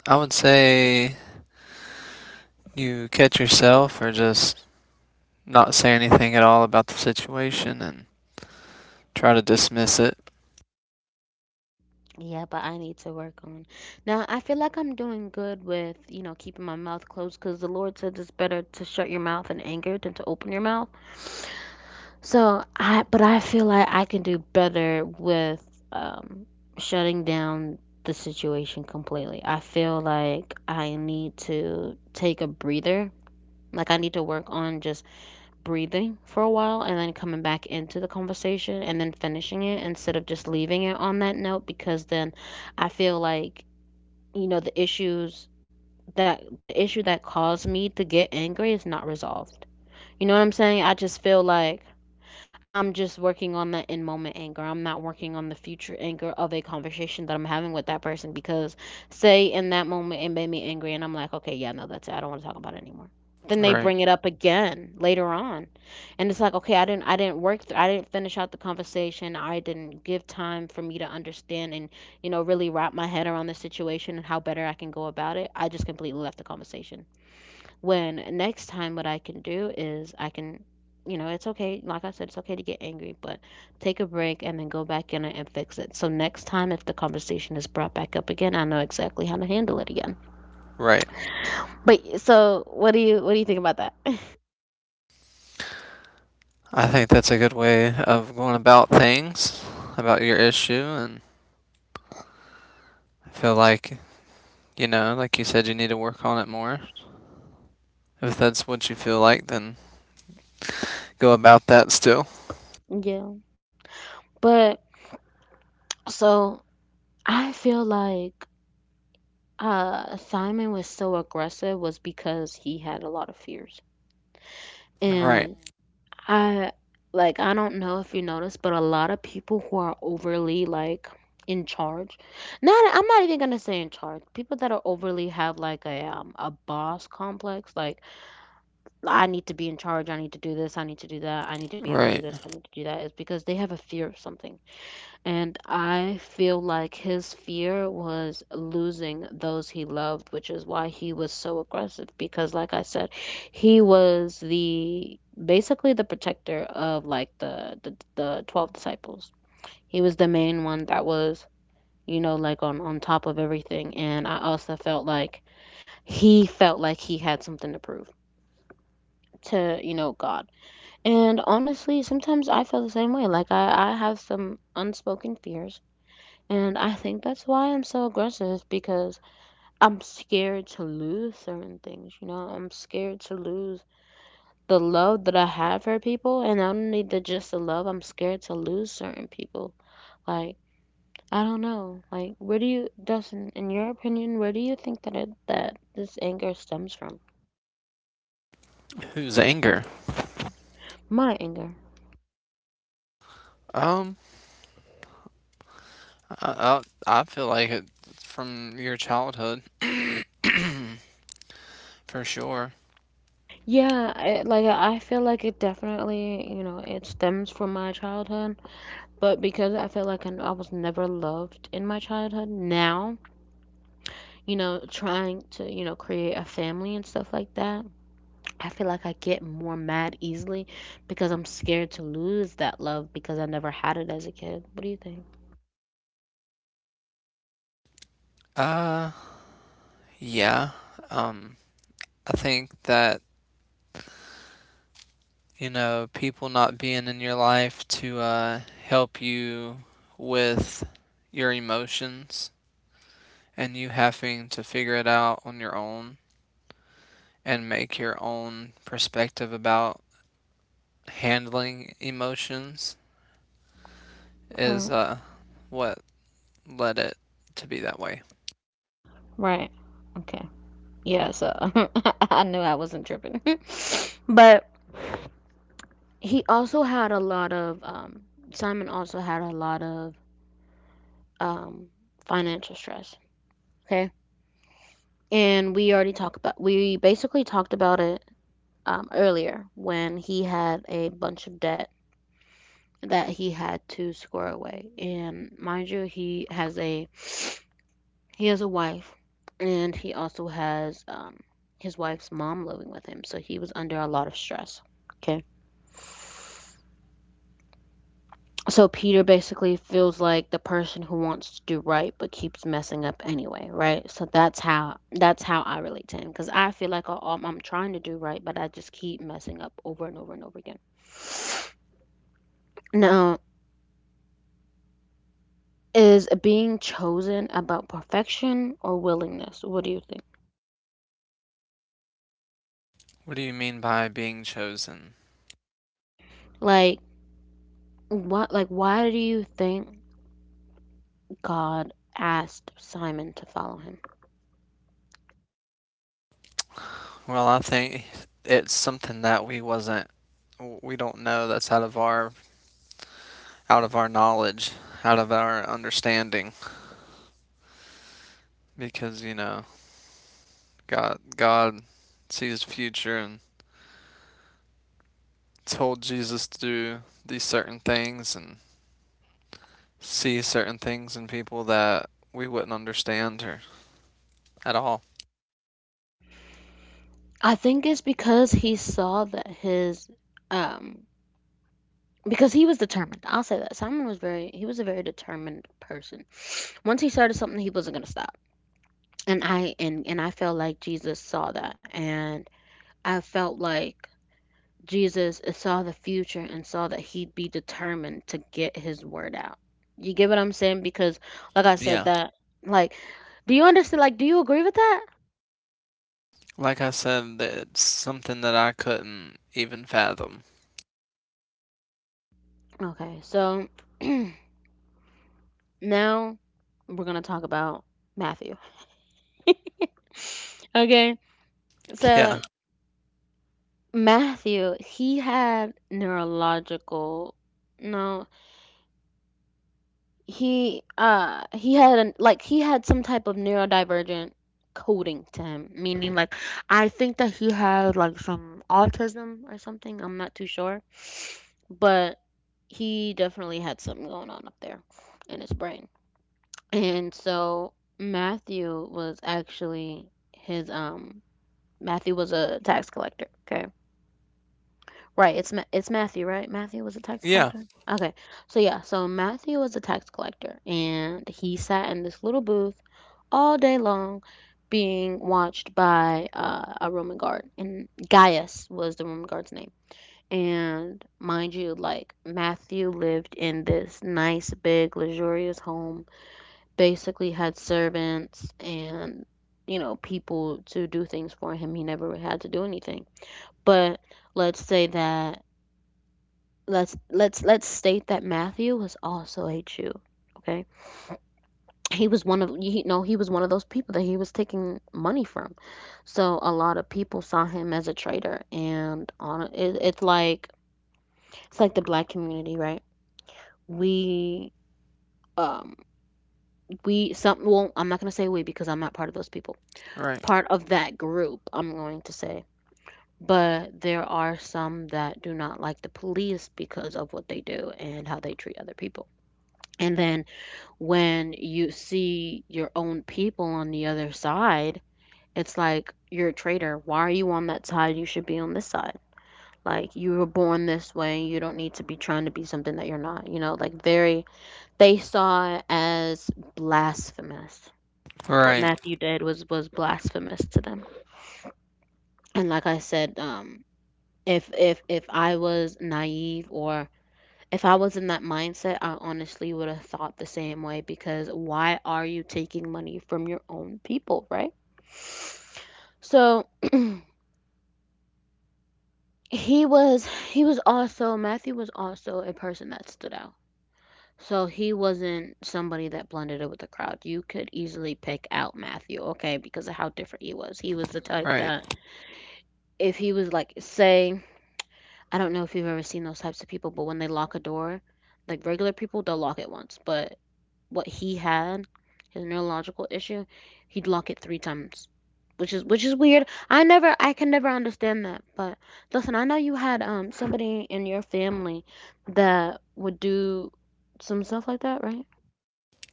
[SPEAKER 2] I would say you catch yourself or just not say anything at all about the situation and try to dismiss it.
[SPEAKER 1] Yeah, but I need to work on. Now, I feel like I'm doing good with, you know, keeping my mouth closed because the Lord said it's better to shut your mouth in anger than to open your mouth. So, I, but I feel like I can do better with um, shutting down the situation completely. I feel like I need to take a breather. Like, I need to work on just breathing for a while and then coming back into the conversation and then finishing it instead of just leaving it on that note because then I feel like you know the issues that the issue that caused me to get angry is not resolved you know what I'm saying I just feel like I'm just working on that in moment anger. I'm not working on the future anger of a conversation that I'm having with that person because, say, in that moment it made me angry and I'm like, okay, yeah, no, that's it. I don't want to talk about it anymore. Then they
[SPEAKER 2] Right.
[SPEAKER 1] bring
[SPEAKER 2] Yeah.
[SPEAKER 1] it up again later on, and it's like, okay, I didn't, I didn't work, th- I didn't finish out the conversation. I didn't give time for me to understand and you know really wrap my head around the situation and how better I can go about it. I just completely left the conversation. When next time, what I can do is I can, you know, it's okay. Like I said, it's okay to get angry, but take a break and then go back in and fix it. So next time, if the conversation is brought back up again, I know exactly how to handle it again.
[SPEAKER 2] Right.
[SPEAKER 1] But so, what do you what do you think about that?
[SPEAKER 2] I think that's a good way of going about things, about your issue. And I feel like, you know, like you said, you need to work on it more. If that's what you feel like, then go about that still.
[SPEAKER 1] Yeah. But so I feel like uh Simon was so aggressive was because he had a lot of fears.
[SPEAKER 2] Right.
[SPEAKER 1] And I like I don't know if you noticed, but a lot of people who are overly like in charge. Not I'm not even gonna say in charge. People that are overly have like a um a boss complex, like I need to be in charge, I need to do this, I need to do that, I need to be able to do
[SPEAKER 2] Right.
[SPEAKER 1] this, I need to do that, is because they have a fear of something. And I feel like his fear was losing those he loved, which is why he was so aggressive because like I said, he was the basically the protector of like the the, the twelve disciples. He was the main one that was, you know, like on on top of everything, and I also felt like he felt like he had something to prove to, you know, God. And honestly, sometimes I feel the same way. Like I I have some unspoken fears. And I think that's why I'm so aggressive because I'm scared to lose certain things, you know? I'm scared to lose the love that I have for people, and not only the just the love, I'm scared to lose certain people. Like, I don't know. Like, where do you Dustin, in your opinion, where do you think that it, that this anger stems from?
[SPEAKER 2] Who's anger?
[SPEAKER 1] My anger.
[SPEAKER 2] Um, I I I feel like it from your childhood. For sure.
[SPEAKER 1] Yeah, I, like I feel like it definitely, you know, it stems from my childhood, but because I feel like I, I was never loved in my childhood, now you know, trying to, you know, create a family and stuff like that, I feel like I get more mad easily because I'm scared to lose that love because I never had it as a kid. What do you think?
[SPEAKER 2] Uh, yeah. Um, I think that, you know, people not being in your life to uh help you with your emotions, and you having to figure it out on your own and make your own perspective about handling emotions is
[SPEAKER 1] Right.
[SPEAKER 2] uh what led it to be that way.
[SPEAKER 1] Right. Okay. Yeah, so I knew I wasn't tripping. But he also had a lot of, um, Simon also had a lot of um, financial stress. Okay. And we already talked about, we basically talked about it um, earlier when he had a bunch of debt that he had to square away. And mind you, he has a he has a wife, and he also has um, his wife's mom living with him, so he was under a lot of stress. Okay. So Peter basically feels like the person who wants to do right but keeps messing up anyway, right? So that's how that's how I relate to him because I feel like I- am I'm trying to do right, but I just keep messing up over and over and over again. Now, is being chosen about perfection or willingness? What do you think?
[SPEAKER 2] What do you mean by being chosen?
[SPEAKER 1] Like what like why do you think God asked Simon to follow him?
[SPEAKER 2] Well, I think it's something that we wasn't we don't know, that's out of our out of our knowledge, out of our understanding, because, you know, God God sees the future and told Jesus to do these certain things and see certain things in people that we wouldn't understand or at all.
[SPEAKER 1] I think it's because he saw that his um because he was determined. I'll say that. Simon was very he was a very determined person. Once he started something he wasn't going to stop. And I and and I felt like Jesus saw that, and I felt like Jesus saw the future and saw that he'd be determined to get his word out. You get what I'm saying? Because, like I said,
[SPEAKER 2] Yeah.
[SPEAKER 1] that, like, do you understand? Like, do you agree with that?
[SPEAKER 2] Like I said, it's something that I couldn't even fathom.
[SPEAKER 1] Okay, so now we're going to talk about Matthew. Okay,
[SPEAKER 2] Yeah.
[SPEAKER 1] so Matthew, he had neurological, no, he uh he had an, like he had some type of neurodivergent coding to him, meaning like I think that he had like some autism or something, I'm not too sure, but he definitely had something going on up there in his brain. And so matthew was actually his um Matthew was a tax collector. Okay, Right, it's Ma- it's Matthew, right? Matthew was a tax
[SPEAKER 2] Yeah,
[SPEAKER 1] collector. Okay, so yeah, so Matthew was a tax collector, and he sat in this little booth all day long, being watched by uh, a Roman guard, and Gaius was the Roman guard's name. And mind you, like Matthew lived in this nice, big, luxurious home, basically had servants and, you know, people to do things for him. He never really had to do anything, but let's say that let's let's let's state that Matthew was also a Jew. Okay, he was one of you know, he was one of those people that he was taking money from, so a lot of people saw him as a traitor. And on it, it's like it's like the black community, right? We um we some well I'm not gonna say we, because I'm not part of those people.
[SPEAKER 2] right.
[SPEAKER 1] Part of that group, I'm going to say. But there are some that do not like the police because of what they do and how they treat other people. And then when you see your own people on the other side, it's like you're a traitor. Why are you on that side? You should be on this side. Like, you were born this way. You don't need to be trying to be something that you're not. You know, like very, they saw it as blasphemous. What
[SPEAKER 2] Right.
[SPEAKER 1] Matthew did was was blasphemous to them. And like I said, um, if if if I was naive or If I was in that mindset, I honestly would have thought the same way because why are you taking money from your own people, right? So he was he was also Matthew was also a person that stood out. So he wasn't somebody that blended in with the crowd. You could easily pick out Matthew, okay, because of how different he was. He was the type
[SPEAKER 2] Right.
[SPEAKER 1] that if he was like, say, I don't know if you've ever seen those types of people, but when they lock a door, like regular people, they'll lock it once. But what he had, his neurological issue, he'd lock it three times, which is which is weird. I never, I can never understand that. But Dustin, I know you had um somebody in your family that would do some stuff like that, right?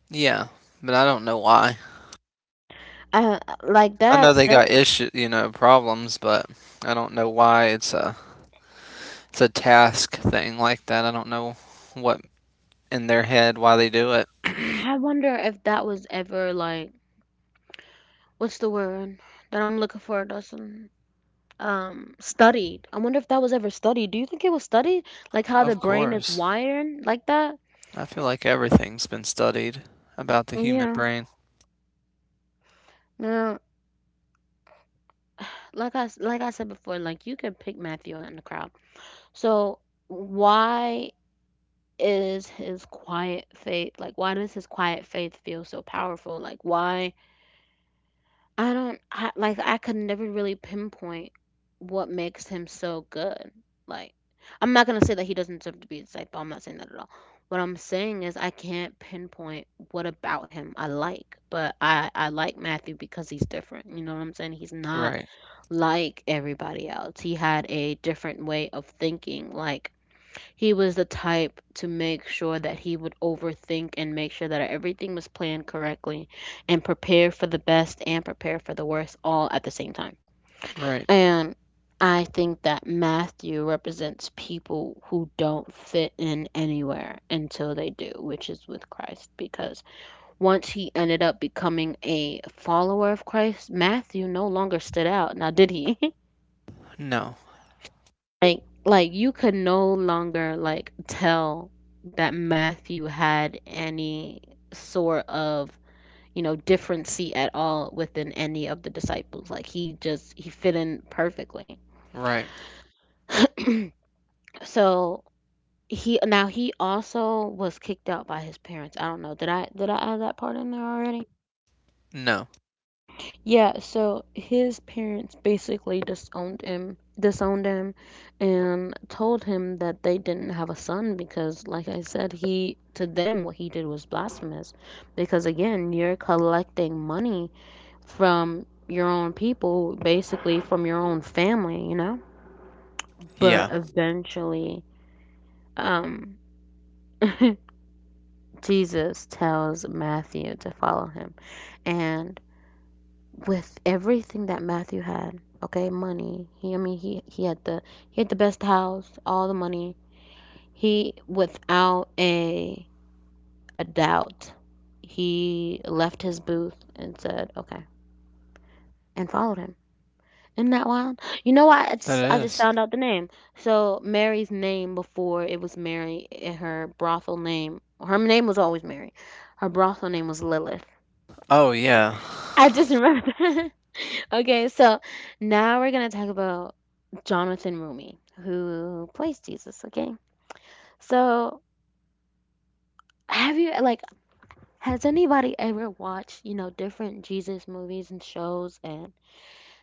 [SPEAKER 2] Yeah, but I don't know why.
[SPEAKER 1] Uh, like
[SPEAKER 2] I know
[SPEAKER 1] that's
[SPEAKER 2] they
[SPEAKER 1] that.
[SPEAKER 2] got issue, you know, problems, but I don't know why it's a, it's a task thing like that. I don't know what in their head, why they do it.
[SPEAKER 1] I wonder if that was ever like, what's the word that I'm looking for, Dustin? Um studied. I wonder if that was ever studied. Do you think it was studied? Like, how the
[SPEAKER 2] Of
[SPEAKER 1] brain is
[SPEAKER 2] course.
[SPEAKER 1] wired like that?
[SPEAKER 2] I feel like everything's been studied about the human
[SPEAKER 1] Yeah.
[SPEAKER 2] brain.
[SPEAKER 1] No, like I s- like I said before, like, you could pick Matthew out in the crowd. So why is his quiet faith like? Why does his quiet faith feel so powerful? Like, why I don't I, like I could never really pinpoint what makes him so good. Like, I'm not gonna say that he doesn't deserve to be a disciple. I'm not saying that at all. What I'm saying is I can't pinpoint what about him I like, but I I like Matthew because he's different. You know what I'm saying? He's not
[SPEAKER 2] Right.
[SPEAKER 1] like everybody else. He had a different way of thinking. Like, he was the type to make sure that he would overthink and make sure that everything was planned correctly and prepare for the best and prepare for the worst all at the same time.
[SPEAKER 2] Right.
[SPEAKER 1] And I think that Matthew represents people who don't fit in anywhere until they do, which is with Christ, because once he ended up becoming a follower of Christ, Matthew no longer stood out. Now, did he?
[SPEAKER 2] No.
[SPEAKER 1] Like, like you could no longer like tell that Matthew had any sort of, you know, differency at all within any of the disciples. Like, he just he fit in perfectly.
[SPEAKER 2] Right.
[SPEAKER 1] So he now he also was kicked out by his parents. I don't know, did i did i add that part in there already?
[SPEAKER 2] No.
[SPEAKER 1] Yeah, so his parents basically disowned him, disowned him, and told him that they didn't have a son because, like I said, he to them what he did was blasphemous. Because again, you're collecting money from your own people, basically from your own family, you know. But
[SPEAKER 2] Yeah.
[SPEAKER 1] eventually, um, Jesus tells Matthew to follow him, and with everything that Matthew had, okay, money. He, I mean, he he had the he had the best house, all the money. He, without a a doubt, he left his booth and said, "Okay," and followed him. Isn't that wild? You know what? I
[SPEAKER 2] That
[SPEAKER 1] just I just
[SPEAKER 2] is.
[SPEAKER 1] found out the name. So Mary's name before it was Mary. eh, Her brothel name. Her name was always Mary. Her brothel name was Lilith.
[SPEAKER 2] Oh yeah.
[SPEAKER 1] I just remembered that. okay, so now we're gonna talk about Jonathan Rumi, who plays Jesus, okay? So, have you, like, has anybody ever watched, you know, different Jesus movies and shows? And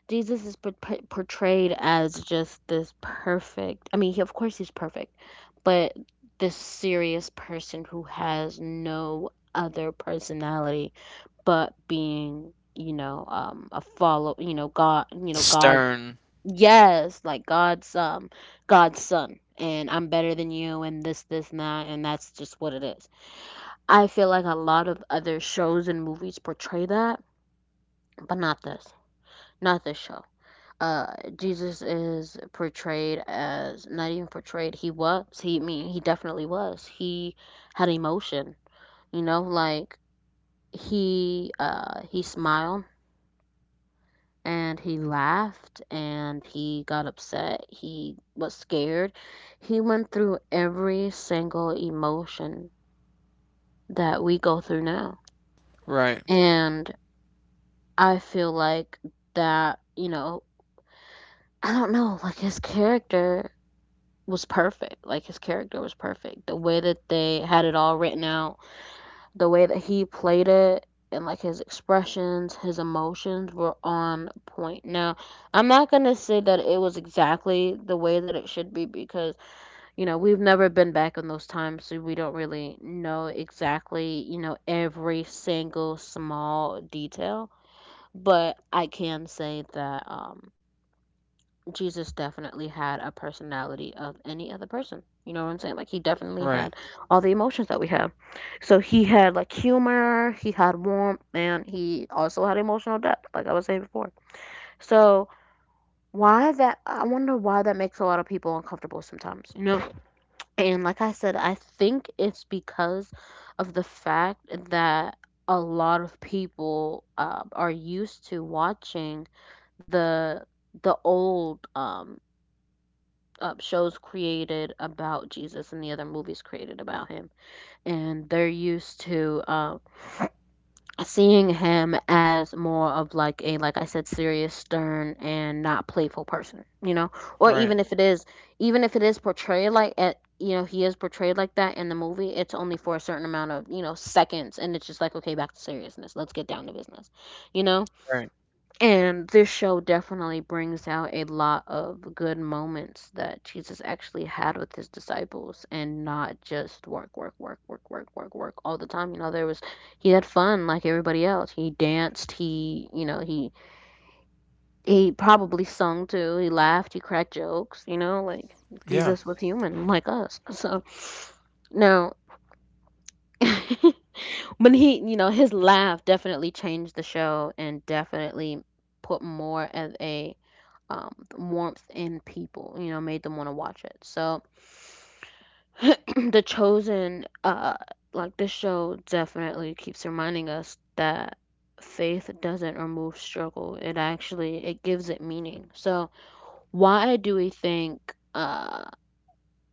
[SPEAKER 1] Jesus is por- portrayed as just this perfect, I mean, he, of course he's perfect, but this serious person who has no other personality but being, you know, um, a follow, you know, God, you know, God's
[SPEAKER 2] Stern.
[SPEAKER 1] yes, like God's um God's son and I'm better than you and this this and that and that's just what it is. I feel like a lot of other shows and movies portray that, but not this. Not this show. Uh Jesus is portrayed as not even portrayed, he was. He I mean he definitely was. He had emotion, you know, like he uh he smiled and he laughed and he got upset. He was scared. He went through every single emotion that we go through now.
[SPEAKER 2] Right.
[SPEAKER 1] And I feel like that, you know, I don't know, like his character was perfect. Like his character was perfect. The way that they had it all written out the way that he played it and like his expressions, his emotions were on point. Now, I'm not going to say that it was exactly the way that it should be because, you know, we've never been back in those times, so we don't really know exactly, you know, every single small detail. But I can say that, um, Jesus definitely had a personality of any other person. You know what I'm saying? Like he definitely
[SPEAKER 2] Right.
[SPEAKER 1] had all the emotions that we have. So he had like humor, he had warmth, and he also had emotional depth, like I was saying before. So why that I wonder why that makes a lot of people uncomfortable sometimes, you know? And like I said, I think it's because of the fact that a lot of people uh, are used to watching the the old um uh, shows created about Jesus and the other movies created about him. And they're used to uh, seeing him as more of like a, like I said, serious, stern, and not playful person, you know? Or even if
[SPEAKER 2] Right.
[SPEAKER 1] it is, even if it is portrayed like, at, you know, he is portrayed like that in the movie, it's only for a certain amount of, you know, seconds. And it's just like, okay, back to seriousness. Let's get down to business, you know?
[SPEAKER 2] Right.
[SPEAKER 1] And this show definitely brings out a lot of good moments that Jesus actually had with his disciples and not just work, work, work, work, work, work, work all the time. You know, there was, he had fun like everybody else. He danced, he, you know, he, he probably sung too. He laughed, he cracked jokes, you know, like
[SPEAKER 2] Yeah.
[SPEAKER 1] Jesus was human like us. So, no. when he, you know, his laugh definitely changed the show and definitely put more as a um, warmth in people, you know, made them want to watch it. So The Chosen, uh, like this show definitely keeps reminding us that faith doesn't remove struggle. It actually it gives it meaning. So why do we think uh,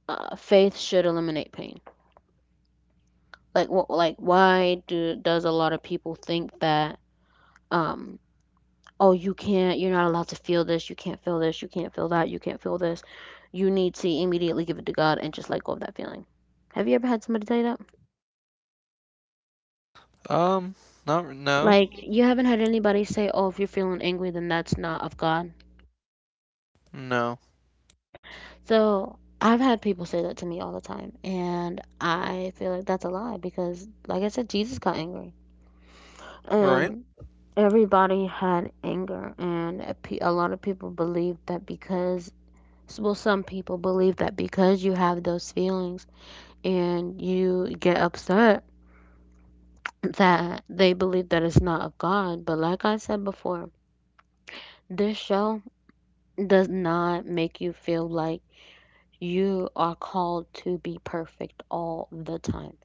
[SPEAKER 1] uh faith should eliminate pain? Like what like why do does a lot of people think that um oh, you can't, you're not allowed to feel this, you can't feel this, you can't feel that, you can't feel this. You need to immediately give it to God and just let go of that feeling. Have you ever had somebody tell you that?
[SPEAKER 2] Um, not no.
[SPEAKER 1] Like, you haven't heard anybody say, oh, if you're feeling angry, then that's not of God.
[SPEAKER 2] No.
[SPEAKER 1] So, I've had people say that to me all the time, and I feel like that's a lie because, like I said, Jesus got angry.
[SPEAKER 2] Right.
[SPEAKER 1] And everybody had anger, and a pe- a lot of people believe that because well, some people believe that because you have those feelings and you get upset that they believe that it's not of God. But like I said before, this show does not make you feel like you are called to be perfect all the time.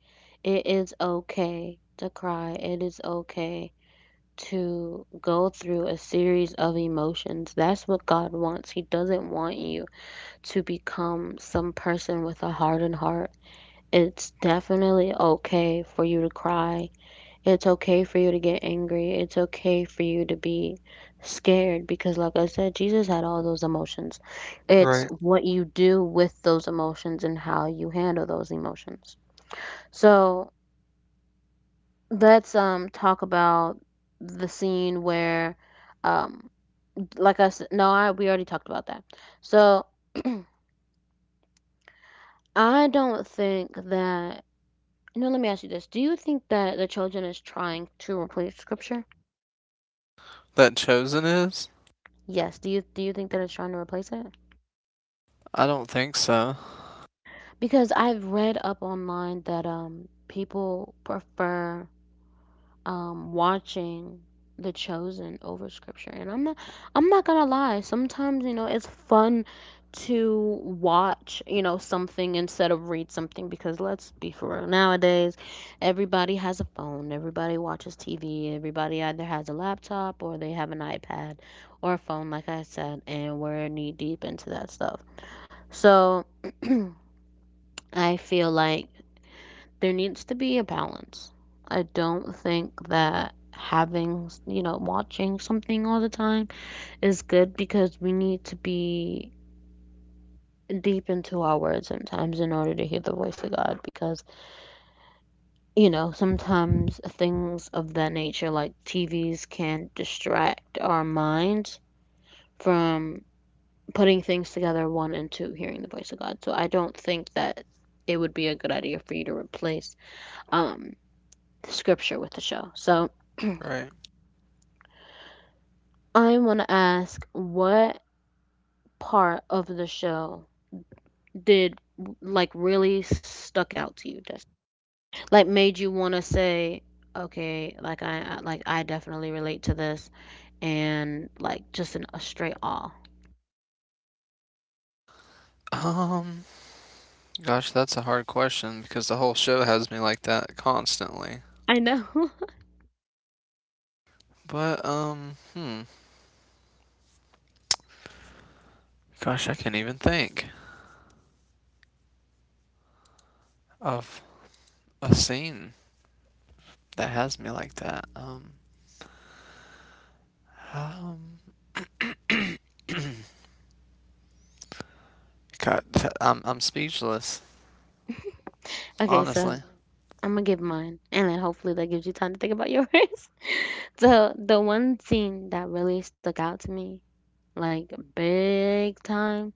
[SPEAKER 1] It is okay to cry, it is okay to go through a series of emotions. That's what God wants. He doesn't want you to become some person with a hardened heart. It's definitely okay for you to cry. It's okay for you to get angry. It's okay for you to be scared because, like I said, Jesus had all those emotions. It's
[SPEAKER 2] Right.
[SPEAKER 1] what you do with those emotions and how you handle those emotions. So let's um talk about the scene where, um, like I said, no, I we already talked about that. So I don't think that. No, let me ask you this: Do you think that the children is trying to replace scripture?
[SPEAKER 2] That Chosen is?
[SPEAKER 1] Yes. Do you do you think that it's trying to replace it?
[SPEAKER 2] I don't think so.
[SPEAKER 1] Because I've read up online that um people prefer um watching The Chosen over scripture. And I'm not I'm not gonna lie, sometimes, you know, it's fun to watch, you know, something instead of read something because let's be for real, nowadays everybody has a phone, everybody watches T V, everybody either has a laptop or they have an iPad or a phone like I said, and we're knee deep into that stuff. So I feel like there needs to be a balance. I don't think that having, you know, watching something all the time is good because we need to be deep into our word sometimes in order to hear the voice of God because, you know, sometimes things of that nature like T Vs can distract our minds from putting things together one and two hearing the voice of God. So I don't think that it would be a good idea for you to replace um the scripture with the show. So
[SPEAKER 2] Right.
[SPEAKER 1] I want to ask what part of the show did like really stuck out to you, Des- like made you want to say, okay, like I, I like I definitely relate to this, and like just in a straight awe.
[SPEAKER 2] Um, gosh, that's a hard question because the whole show has me like that constantly.
[SPEAKER 1] I know.
[SPEAKER 2] But um, hmm, gosh, I can't even think of a scene that has me like that. Um, um, God, I'm I'm speechless,
[SPEAKER 1] okay, so
[SPEAKER 2] honestly.
[SPEAKER 1] I'm gonna give mine, and then hopefully that gives you time to think about yours. so the one scene that really stuck out to me, like big time,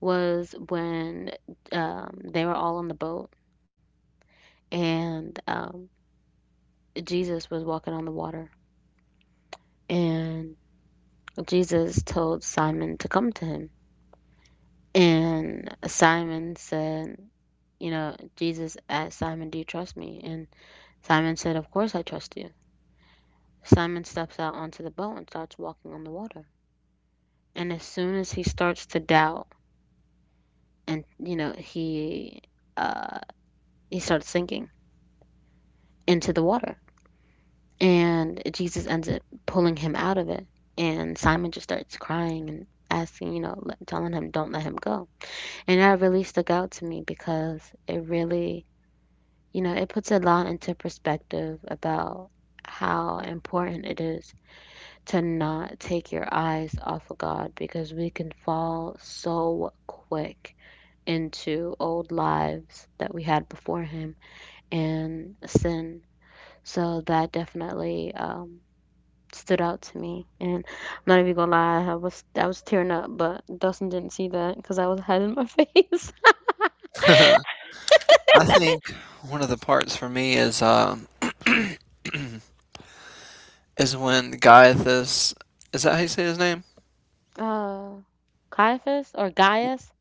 [SPEAKER 1] was when um, they were all on the boat and um, Jesus was walking on the water. And Jesus told Simon to come to him. And Simon said, you know, Jesus asked Simon, do you trust me? And Simon said, of course I trust you. Simon steps out onto the boat and starts walking on the water. And as soon as he starts to doubt, and, you know, he, uh, he starts sinking into the water. And Jesus ends up pulling him out of it. And Simon just starts crying and asking, you know, telling him, don't let him go. And that really stuck out to me because it really, you know, it puts a lot into perspective about how important it is to not take your eyes off of God because we can fall so quick into old lives that we had before Him and sin. So that definitely um, stood out to me. And I'm not even gonna lie, I was I was tearing up, but Dustin didn't see that because I was hiding my face.
[SPEAKER 2] I think one of the parts for me is um is when Gaius— is that how you say his name?
[SPEAKER 1] Uh, Caiaphas or Gaius?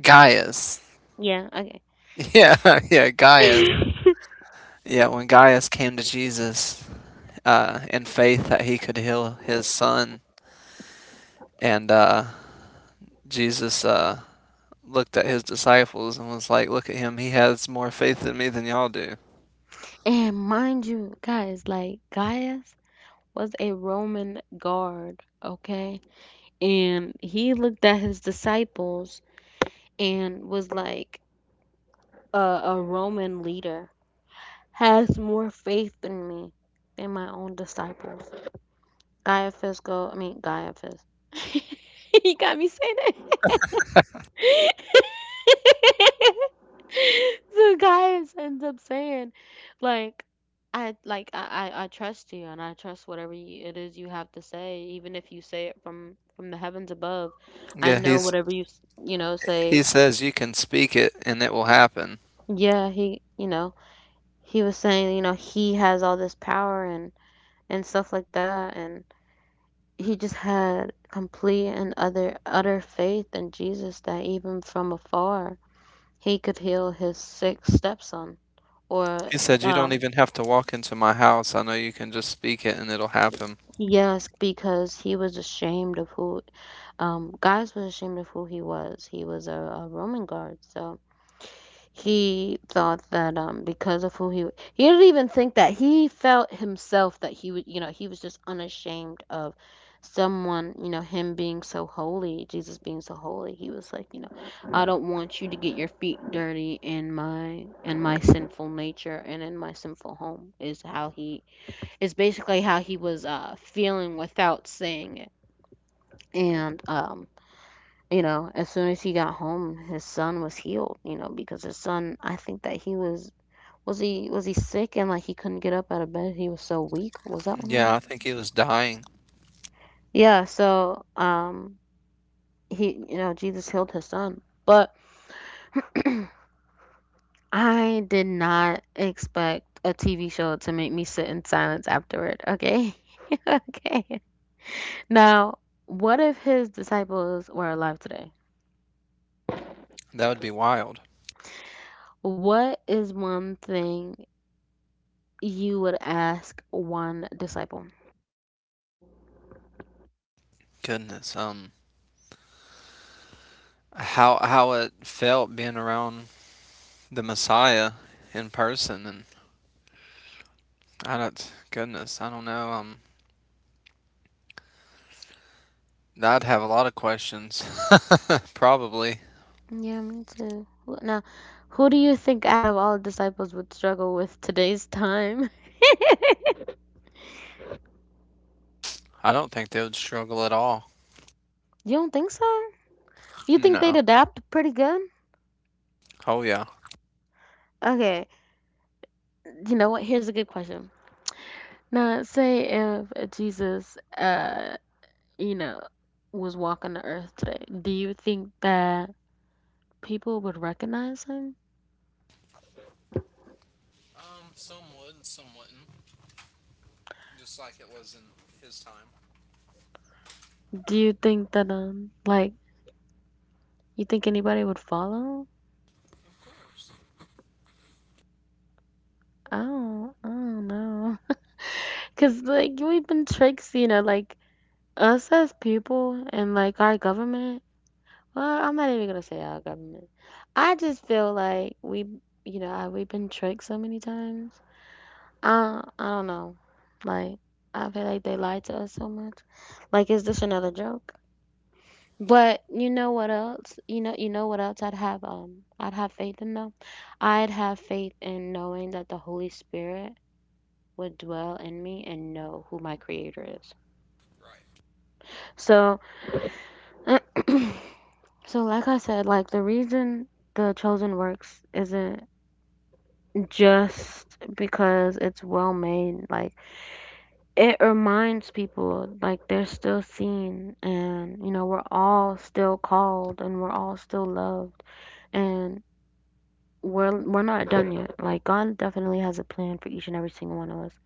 [SPEAKER 2] Gaius.
[SPEAKER 1] Yeah, okay.
[SPEAKER 2] Yeah, yeah, Gaius yeah, when Gaius came to Jesus uh, in faith that he could heal his son, and uh, Jesus uh, looked at his disciples and was like, "Look at him; he has more faith in me than y'all do."
[SPEAKER 1] And mind you, guys, like Gaius was a Roman guard, okay? And he looked at his disciples and was like, a, a Roman leader has more faith in me than my own disciples. Gaia Fiscal, I mean, Gaia Fis. he got me saying it. so guys ends up saying, like, I like I, I I trust you and I trust whatever you, it is you have to say, even if you say it from from the heavens above. I
[SPEAKER 2] Yeah,
[SPEAKER 1] know
[SPEAKER 2] he's
[SPEAKER 1] whatever you s- you know
[SPEAKER 2] he
[SPEAKER 1] say.
[SPEAKER 2] says you can speak it and it will happen.
[SPEAKER 1] Yeah, he you know he was saying you know he has all this power and and stuff like that, and he just had complete and utter utter faith in Jesus that, even from afar, he could heal his sick stepson. Or
[SPEAKER 2] He said you don't
[SPEAKER 1] um
[SPEAKER 2] even have to walk into my house. I know you can just speak it and it'll happen.
[SPEAKER 1] yes, because he was ashamed of who um guys was ashamed of who he was he was a, a Roman guard. So he thought that, um because of who he wa- he didn't even think, that he felt himself, that he would, you know he was just unashamed of someone, you know him being so holy, Jesus being so holy. He was like, you know I don't want you to get your feet dirty in my in my sinful nature, and in my sinful home, is how he, is basically how he was, uh feeling, without saying it. And, um you know, as soon as he got home, his son was healed, you know, because his son, I think that he was was he was he sick and, like, he couldn't get up out of bed? He was so weak. Was that what it was?
[SPEAKER 2] Yeah, I think he was dying.
[SPEAKER 1] Yeah. So, um, he you know Jesus healed his son, but I did not expect a T V show to make me sit in silence afterward. Okay. Okay. Now, what if his disciples were alive today?
[SPEAKER 2] That would be wild.
[SPEAKER 1] What is one thing you would ask one disciple?
[SPEAKER 2] Goodness, um, how how it felt being around the Messiah in person, and I don't, goodness, I don't know. Um, I'd have a lot of questions. Probably.
[SPEAKER 1] Yeah, me too. Wh- Now, who do you think, out of all disciples, would struggle with today's time?
[SPEAKER 2] I don't think they would struggle at all.
[SPEAKER 1] You don't think so? You think they'd
[SPEAKER 2] No.
[SPEAKER 1] adapt pretty good?
[SPEAKER 2] Oh, yeah.
[SPEAKER 1] Okay, you know what? Here's a good question. Now, say if Jesus, uh, you know, was walking the earth today, do you think that people would recognize him?
[SPEAKER 2] Um, some would, some wouldn't. Just like it was in his time.
[SPEAKER 1] Do you think that, um, like, you think anybody would follow? I don't, I don't know. Cause, like, we've been tricked, you know, like us as people, and like our government. Well, I'm not even gonna say our government. I just feel like we, you know, I- we've been tricked so many times. I I don't know. Like, I feel like they lied to us so much. Like, is this another joke? But you know what else? You know you know what else I'd have um I'd have faith in them. I'd have faith in knowing that the Holy Spirit would dwell in me and know who my creator is. So. So, like I said, like the reason The Chosen works isn't just because it's well made. Like, it reminds people, like, they're still seen, and, you know, we're all still called, and we're all still loved. And we're, we're not done yet. Like, God definitely has a plan for each and every single one of us.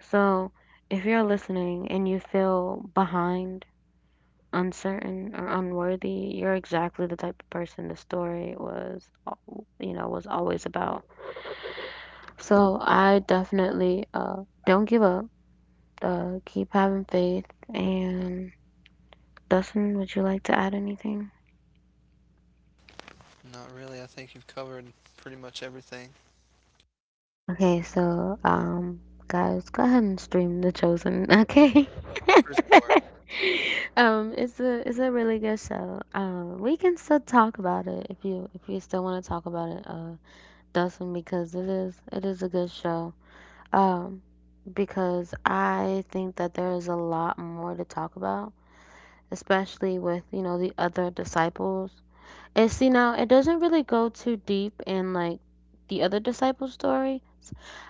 [SPEAKER 1] So, if you're listening and you feel behind, uncertain or unworthy, you're exactly the type of person the story was, al- you know, was always about. So I definitely, uh, don't give up. Uh, keep having faith. And Dustin, would you like to add anything?
[SPEAKER 2] Not really. I think you've covered pretty much everything.
[SPEAKER 1] Okay, so, um, guys, go ahead and stream The Chosen. Okay.
[SPEAKER 2] For
[SPEAKER 1] um, it's a it's a really good show. Um, we can still talk about it, if you if you still want to talk about it. Uh, Dawson, because it is it is a good show. Um, because I think that there is a lot more to talk about, especially with, you know, the other disciples. And see now it doesn't really go too deep in, like, the other disciples stories.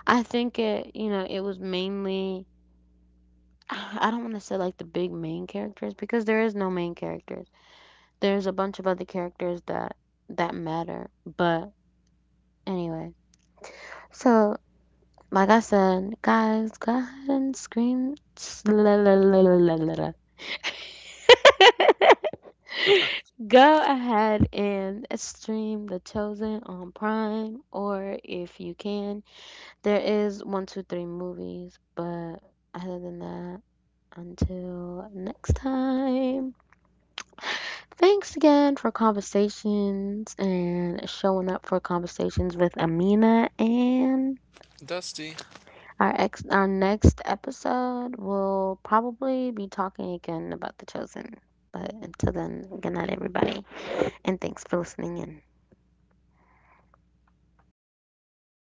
[SPEAKER 1] I think it, you know, it was mainly I don't want to say, like, the big main characters, because there is no main characters. There's a bunch of other characters that that matter. But anyway. So, like I said, guys, go ahead and scream.
[SPEAKER 2] sure.
[SPEAKER 1] Go ahead and stream The Chosen on Prime, or if you can, there is one, two, three movies. But other than that, until next time, thanks again for conversations and showing up for conversations with Amina and.
[SPEAKER 2] Dusty,
[SPEAKER 1] Our ex our next episode will probably be talking again about The Chosen. But until then, good night everybody, and thanks for listening in.